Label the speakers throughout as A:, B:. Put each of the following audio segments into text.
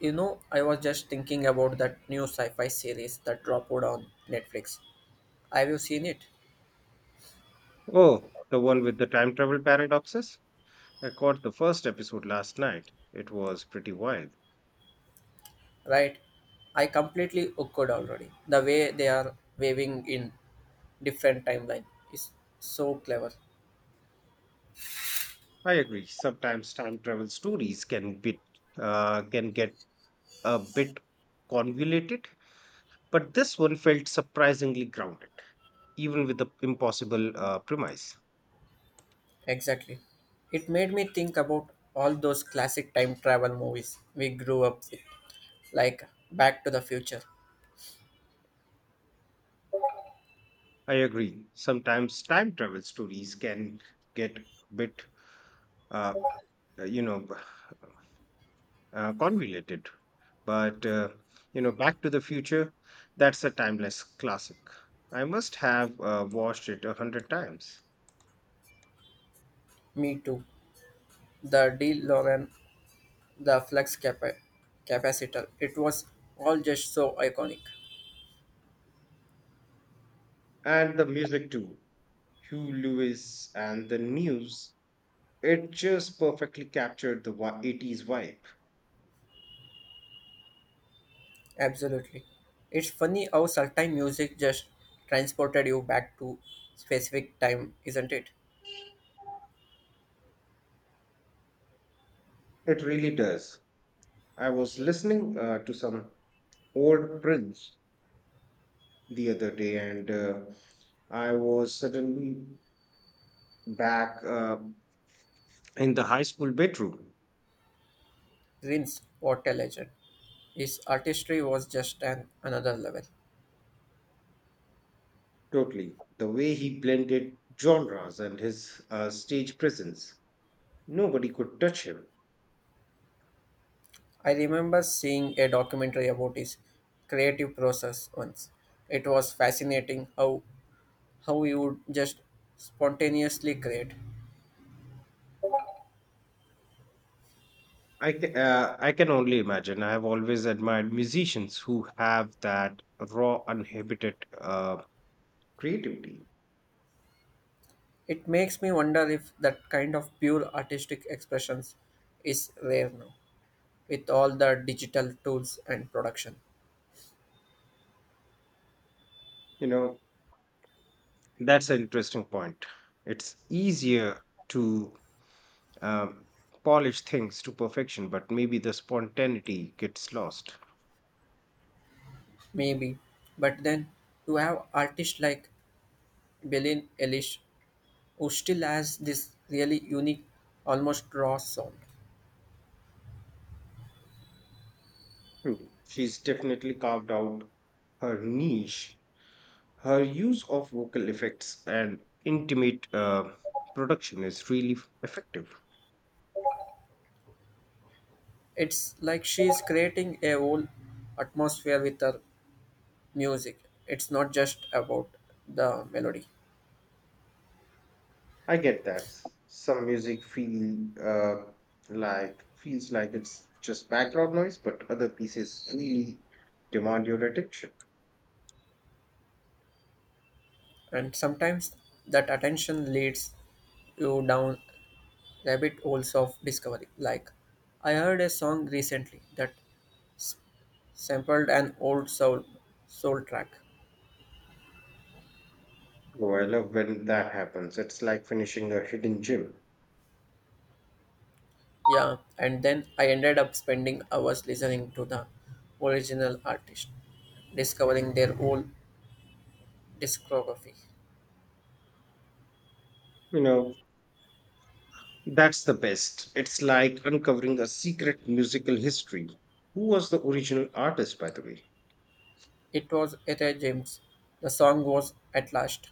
A: You know, I was just thinking about that new sci-fi series that dropped on Netflix. Have you seen it?
B: Oh, the one with the time travel paradoxes? I caught the first episode last night. It was pretty wild.
A: Right. I completely hooked already. The way they are waving in different timeline is so clever.
B: I agree. Sometimes time travel stories can bit can get a bit convoluted, but this one felt surprisingly grounded, even with the impossible premise.
A: Exactly. It made me think about all those classic time travel movies we grew up with, like Back to the Future,
B: I agree. Sometimes time travel stories can get a bit uh, uh, you know convoluted. But Back to the Future, that's a timeless classic. I must have watched it a hundred times.
A: Me Too, the DeLorean, the Flux Capacitor. It was all just so iconic.
B: And the music too. Hugh Lewis and the news, it just perfectly captured the 80s vibe.
A: Absolutely. It's funny how certain music just transported you back to specific time, isn't it?
B: It really does. I was listening to some old Prince the other day and I was suddenly back in the high school bedroom.
A: Prince, what a legend. His artistry was just an another level.
B: Totally. The way he blended genres and his stage presence, nobody could touch him.
A: I remember seeing a documentary about his creative process once. It was fascinating how he would just spontaneously create.
B: I can only imagine. I have always admired musicians who have that raw, uninhibited creativity.
A: It makes me wonder if that kind of pure artistic expressions is rare now, with all the digital tools and production.
B: You know, that's an interesting point. It's easier to um, polish things to perfection, but maybe the spontaneity gets lost.
A: Maybe. But then you have artists like Billie Eilish, who still has this really unique, almost raw sound.
B: Hmm. She's definitely carved out her niche. Her use of vocal effects and intimate production is really effective.
A: It's like she's creating a whole atmosphere with her music. It's not just about the melody.
B: I get that. Some music feels like it's just background noise, but other pieces really demand your attention.
A: And sometimes that attention leads you down rabbit holes of discovery. Like I heard a song recently that sampled an old soul track.
B: Oh, I love when that happens. It's like finishing a hidden gem.
A: Yeah, and then I ended up spending hours listening to the original artist, discovering their whole discography.
B: You know, that's the best. It's like uncovering a secret musical history. Who was the original artist, by the way?
A: It was Etta James. The song was At Last.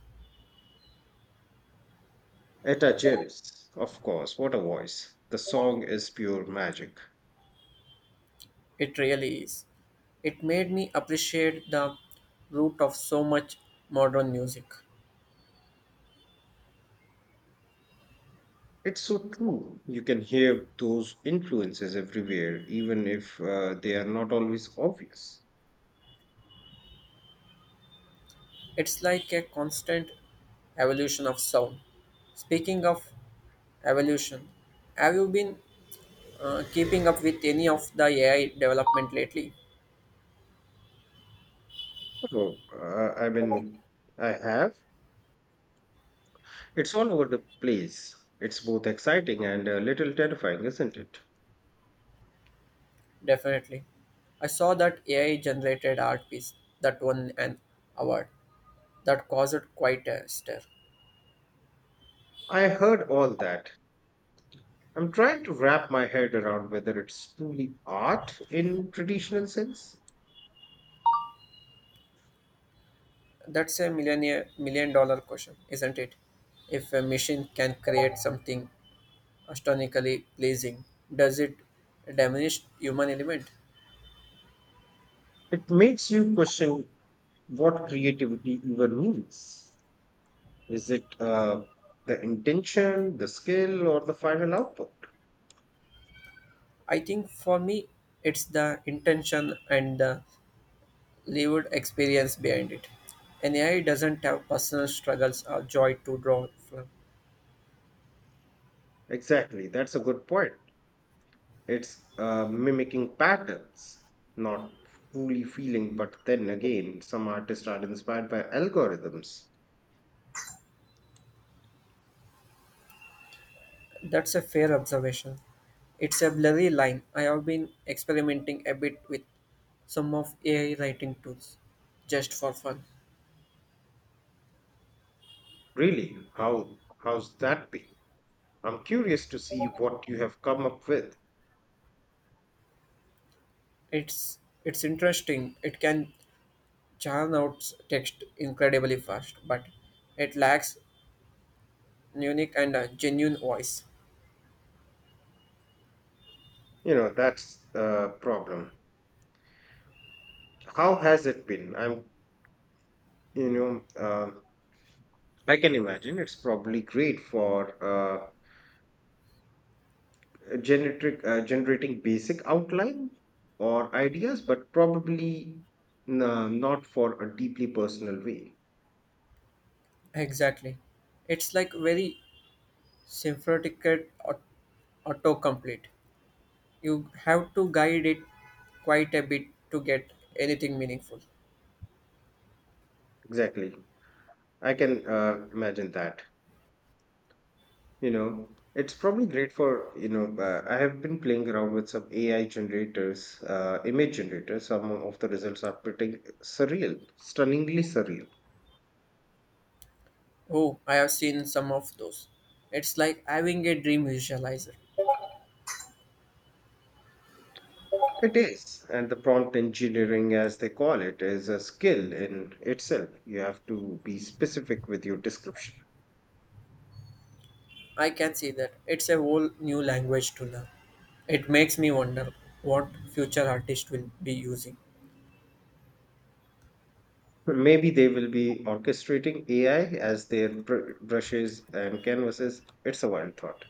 B: Etta James. Of course, what a voice. The song is pure magic.
A: It really is. It made me appreciate the root of so much modern music.
B: It's so true. You can hear those influences everywhere, even if they are not always obvious.
A: It's like a constant evolution of sound. Speaking of evolution, have you been keeping up with any of the AI development lately?
B: Oh, uh, I mean, I have. It's all over the place. It's both exciting and a little terrifying, isn't it?
A: Definitely. I saw that AI generated art piece that won an award that caused quite a stir.
B: I heard all that. I'm trying to wrap my head around whether it's truly art in traditional sense.
A: That's a million dollar question, isn't it? If a machine can create something astronomically pleasing, does it diminish human element?
B: It makes you question what creativity even means. Is it the intention, the skill, or the final output?
A: I think for me it's the intention and the lived experience behind it. An AI doesn't have personal struggles or joy to draw from.
B: Exactly, that's a good point. It's mimicking patterns, not truly feeling, but then again, some artists are inspired by algorithms.
A: That's a fair observation. It's a blurry line. I have been experimenting a bit with some of AI writing tools just for fun.
B: Really, how's that be? I'm curious to see what you have come up with.
A: It's it's interesting. It can churn out text incredibly fast, but it lacks unique and genuine voice.
B: You know, that's the problem. How has it been? You know, um, I can imagine it's probably great for generating basic outline or ideas, but probably not for a deeply personal way.
A: Exactly. It's like very sympathetic aut- autocomplete. You have to guide it quite a bit to get anything meaningful.
B: Exactly. I can imagine that. You know, it's probably great for, I have been playing around with some AI generators, image generators. Some of the results are pretty surreal, stunningly surreal.
A: Oh, I have seen some of those. It's like having a dream visualizer.
B: It is. And the prompt engineering, as they call it, is a skill in itself. You have to be specific with your description.
A: I can see that. It's a whole new language to learn. It makes me wonder what future artists will be using.
B: Maybe they will be orchestrating AI as their brushes and canvases. It's a wild thought.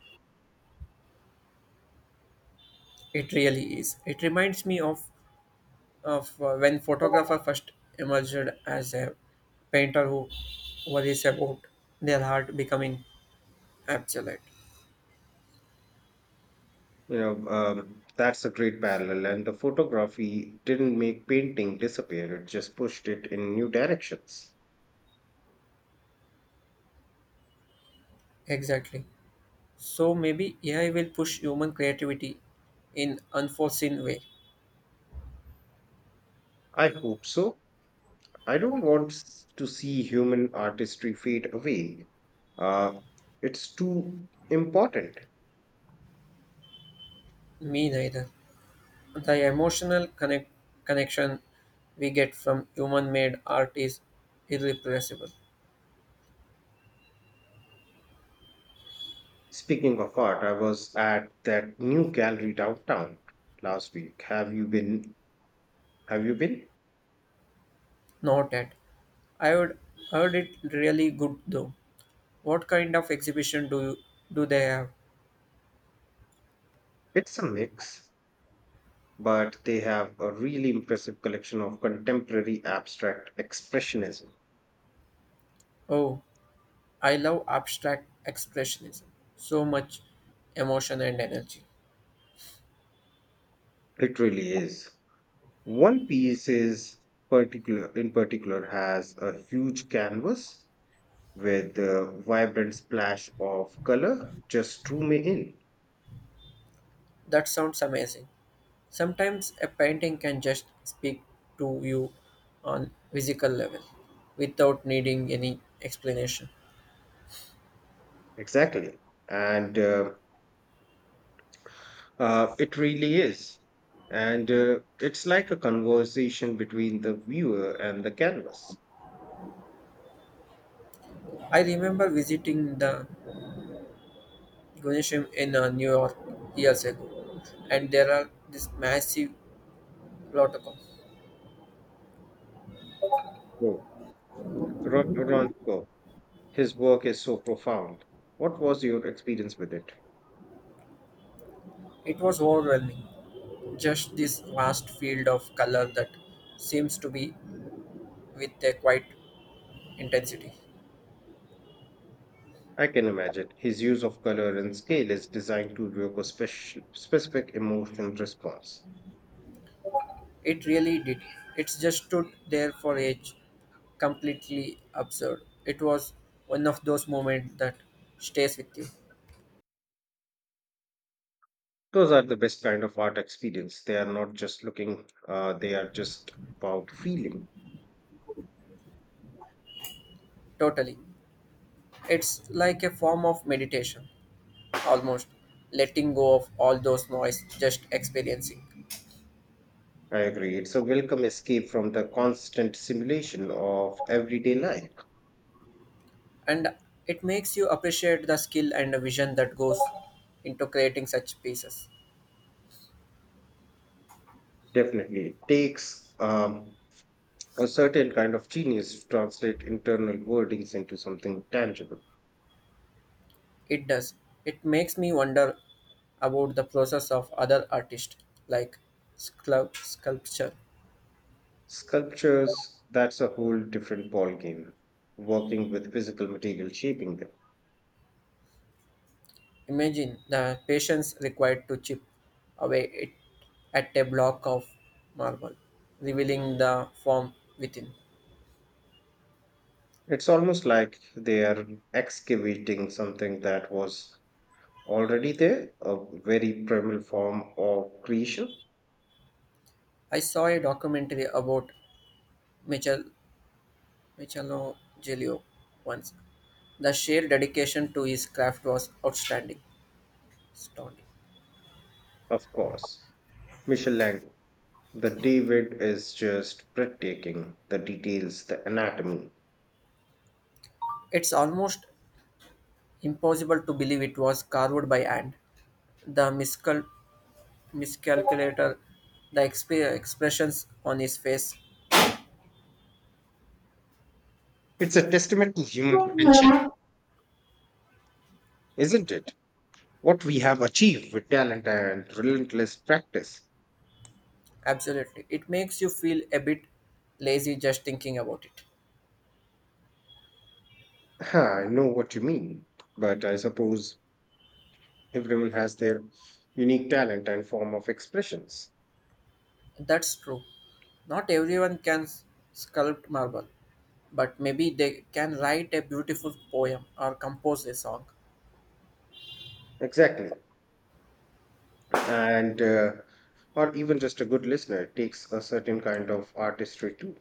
A: It really is. It reminds me of when photographer first emerged as a painter who worries about their art becoming obsolete.
B: That's a great parallel. And the photography didn't make painting disappear, it just pushed it in new directions.
A: Exactly. So maybe AI will push human creativity in unforeseen way.
B: I hope so. I don't want to see human artistry fade away. Uh, it's too important.
A: Me neither. The emotional connection we get from human made art is irrepressible.
B: Speaking of art, I was at that new gallery downtown last week. Have you been?
A: Noted. I would heard it really good though. What kind of exhibition do they have?
B: It's a mix, but they have a really impressive collection of contemporary abstract expressionism.
A: Oh, I love abstract expressionism. So much emotion and energy.
B: It really is. One piece is particular in particular has a huge canvas with a vibrant splash of color just drew me in.
A: That sounds amazing. Sometimes a painting can just speak to you on physical level without needing any explanation.
B: Exactly. And it really is. And it's like a conversation between the viewer and the canvas.
A: I remember visiting the Gymnasium in New York years ago, and there are this massive protocol.
B: So, Coe, his work is so profound. What was your experience with it?
A: It was overwhelming. Just this vast field of color that seems to be with a quiet intensity.
B: I can imagine his use of color and scale is designed to evoke a specific emotional response.
A: It really did. It just stood there for age, completely absurd. It was one of those moments that stays with you.
B: Those are the best kind of art experience. They are not just looking, they are just about feeling.
A: Totally. It's like a form of meditation, almost letting go of all those noise, just experiencing.
B: I agree. It's a welcome escape from the constant simulation of everyday life.
A: And it makes you appreciate the skill and the vision that goes into creating such pieces.
B: Definitely. It takes a certain kind of genius to translate internal wordings into something tangible.
A: It does. It makes me wonder about the process of other artists like sculpture.
B: Sculptures, that's a whole different ballgame, working with physical material shaping them.
A: Imagine the patience required to chip away it at a block of marble, revealing the form within.
B: It's almost like they are excavating something that was already there, a very primal form of creation,
A: I saw a documentary about Michel- Michelangelo once. The sheer dedication to his craft was outstanding. Stoned.
B: of course. Michelangelo, the David is just breathtaking, the details, the anatomy.
A: It's almost impossible to believe it was carved by hand. The miscalculator, the expressions on his face,
B: It's a testament to human potential, isn't it? What we have achieved with talent and relentless practice.
A: absolutely. It makes you feel a bit lazy just thinking about it.
B: Huh, I know what you mean, but I suppose everyone has their unique talent and form of expressions.
A: That's true. Not everyone can sculpt marble, but maybe they can write a beautiful poem or compose a song.
B: Exactly. And or even just a good listener takes a certain kind of artistry too.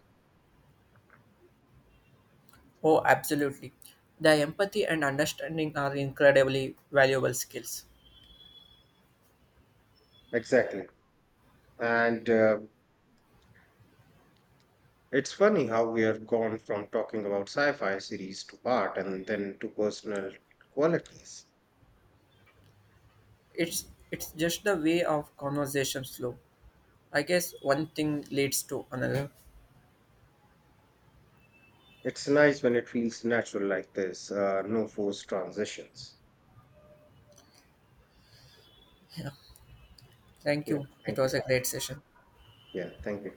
A: Oh, absolutely. The empathy and understanding are incredibly valuable skills.
B: Exactly. And it's funny how we have gone from talking about sci fi series to art and then to personal qualities.
A: it's it's just the way of conversation flow, I guess. One thing leads to another.
B: It's nice when it feels natural like this, no forced transitions.
A: Thank
B: Yeah,
A: you, it
B: thank
A: was
B: you.
A: a great session.
B: Yeah, thank you.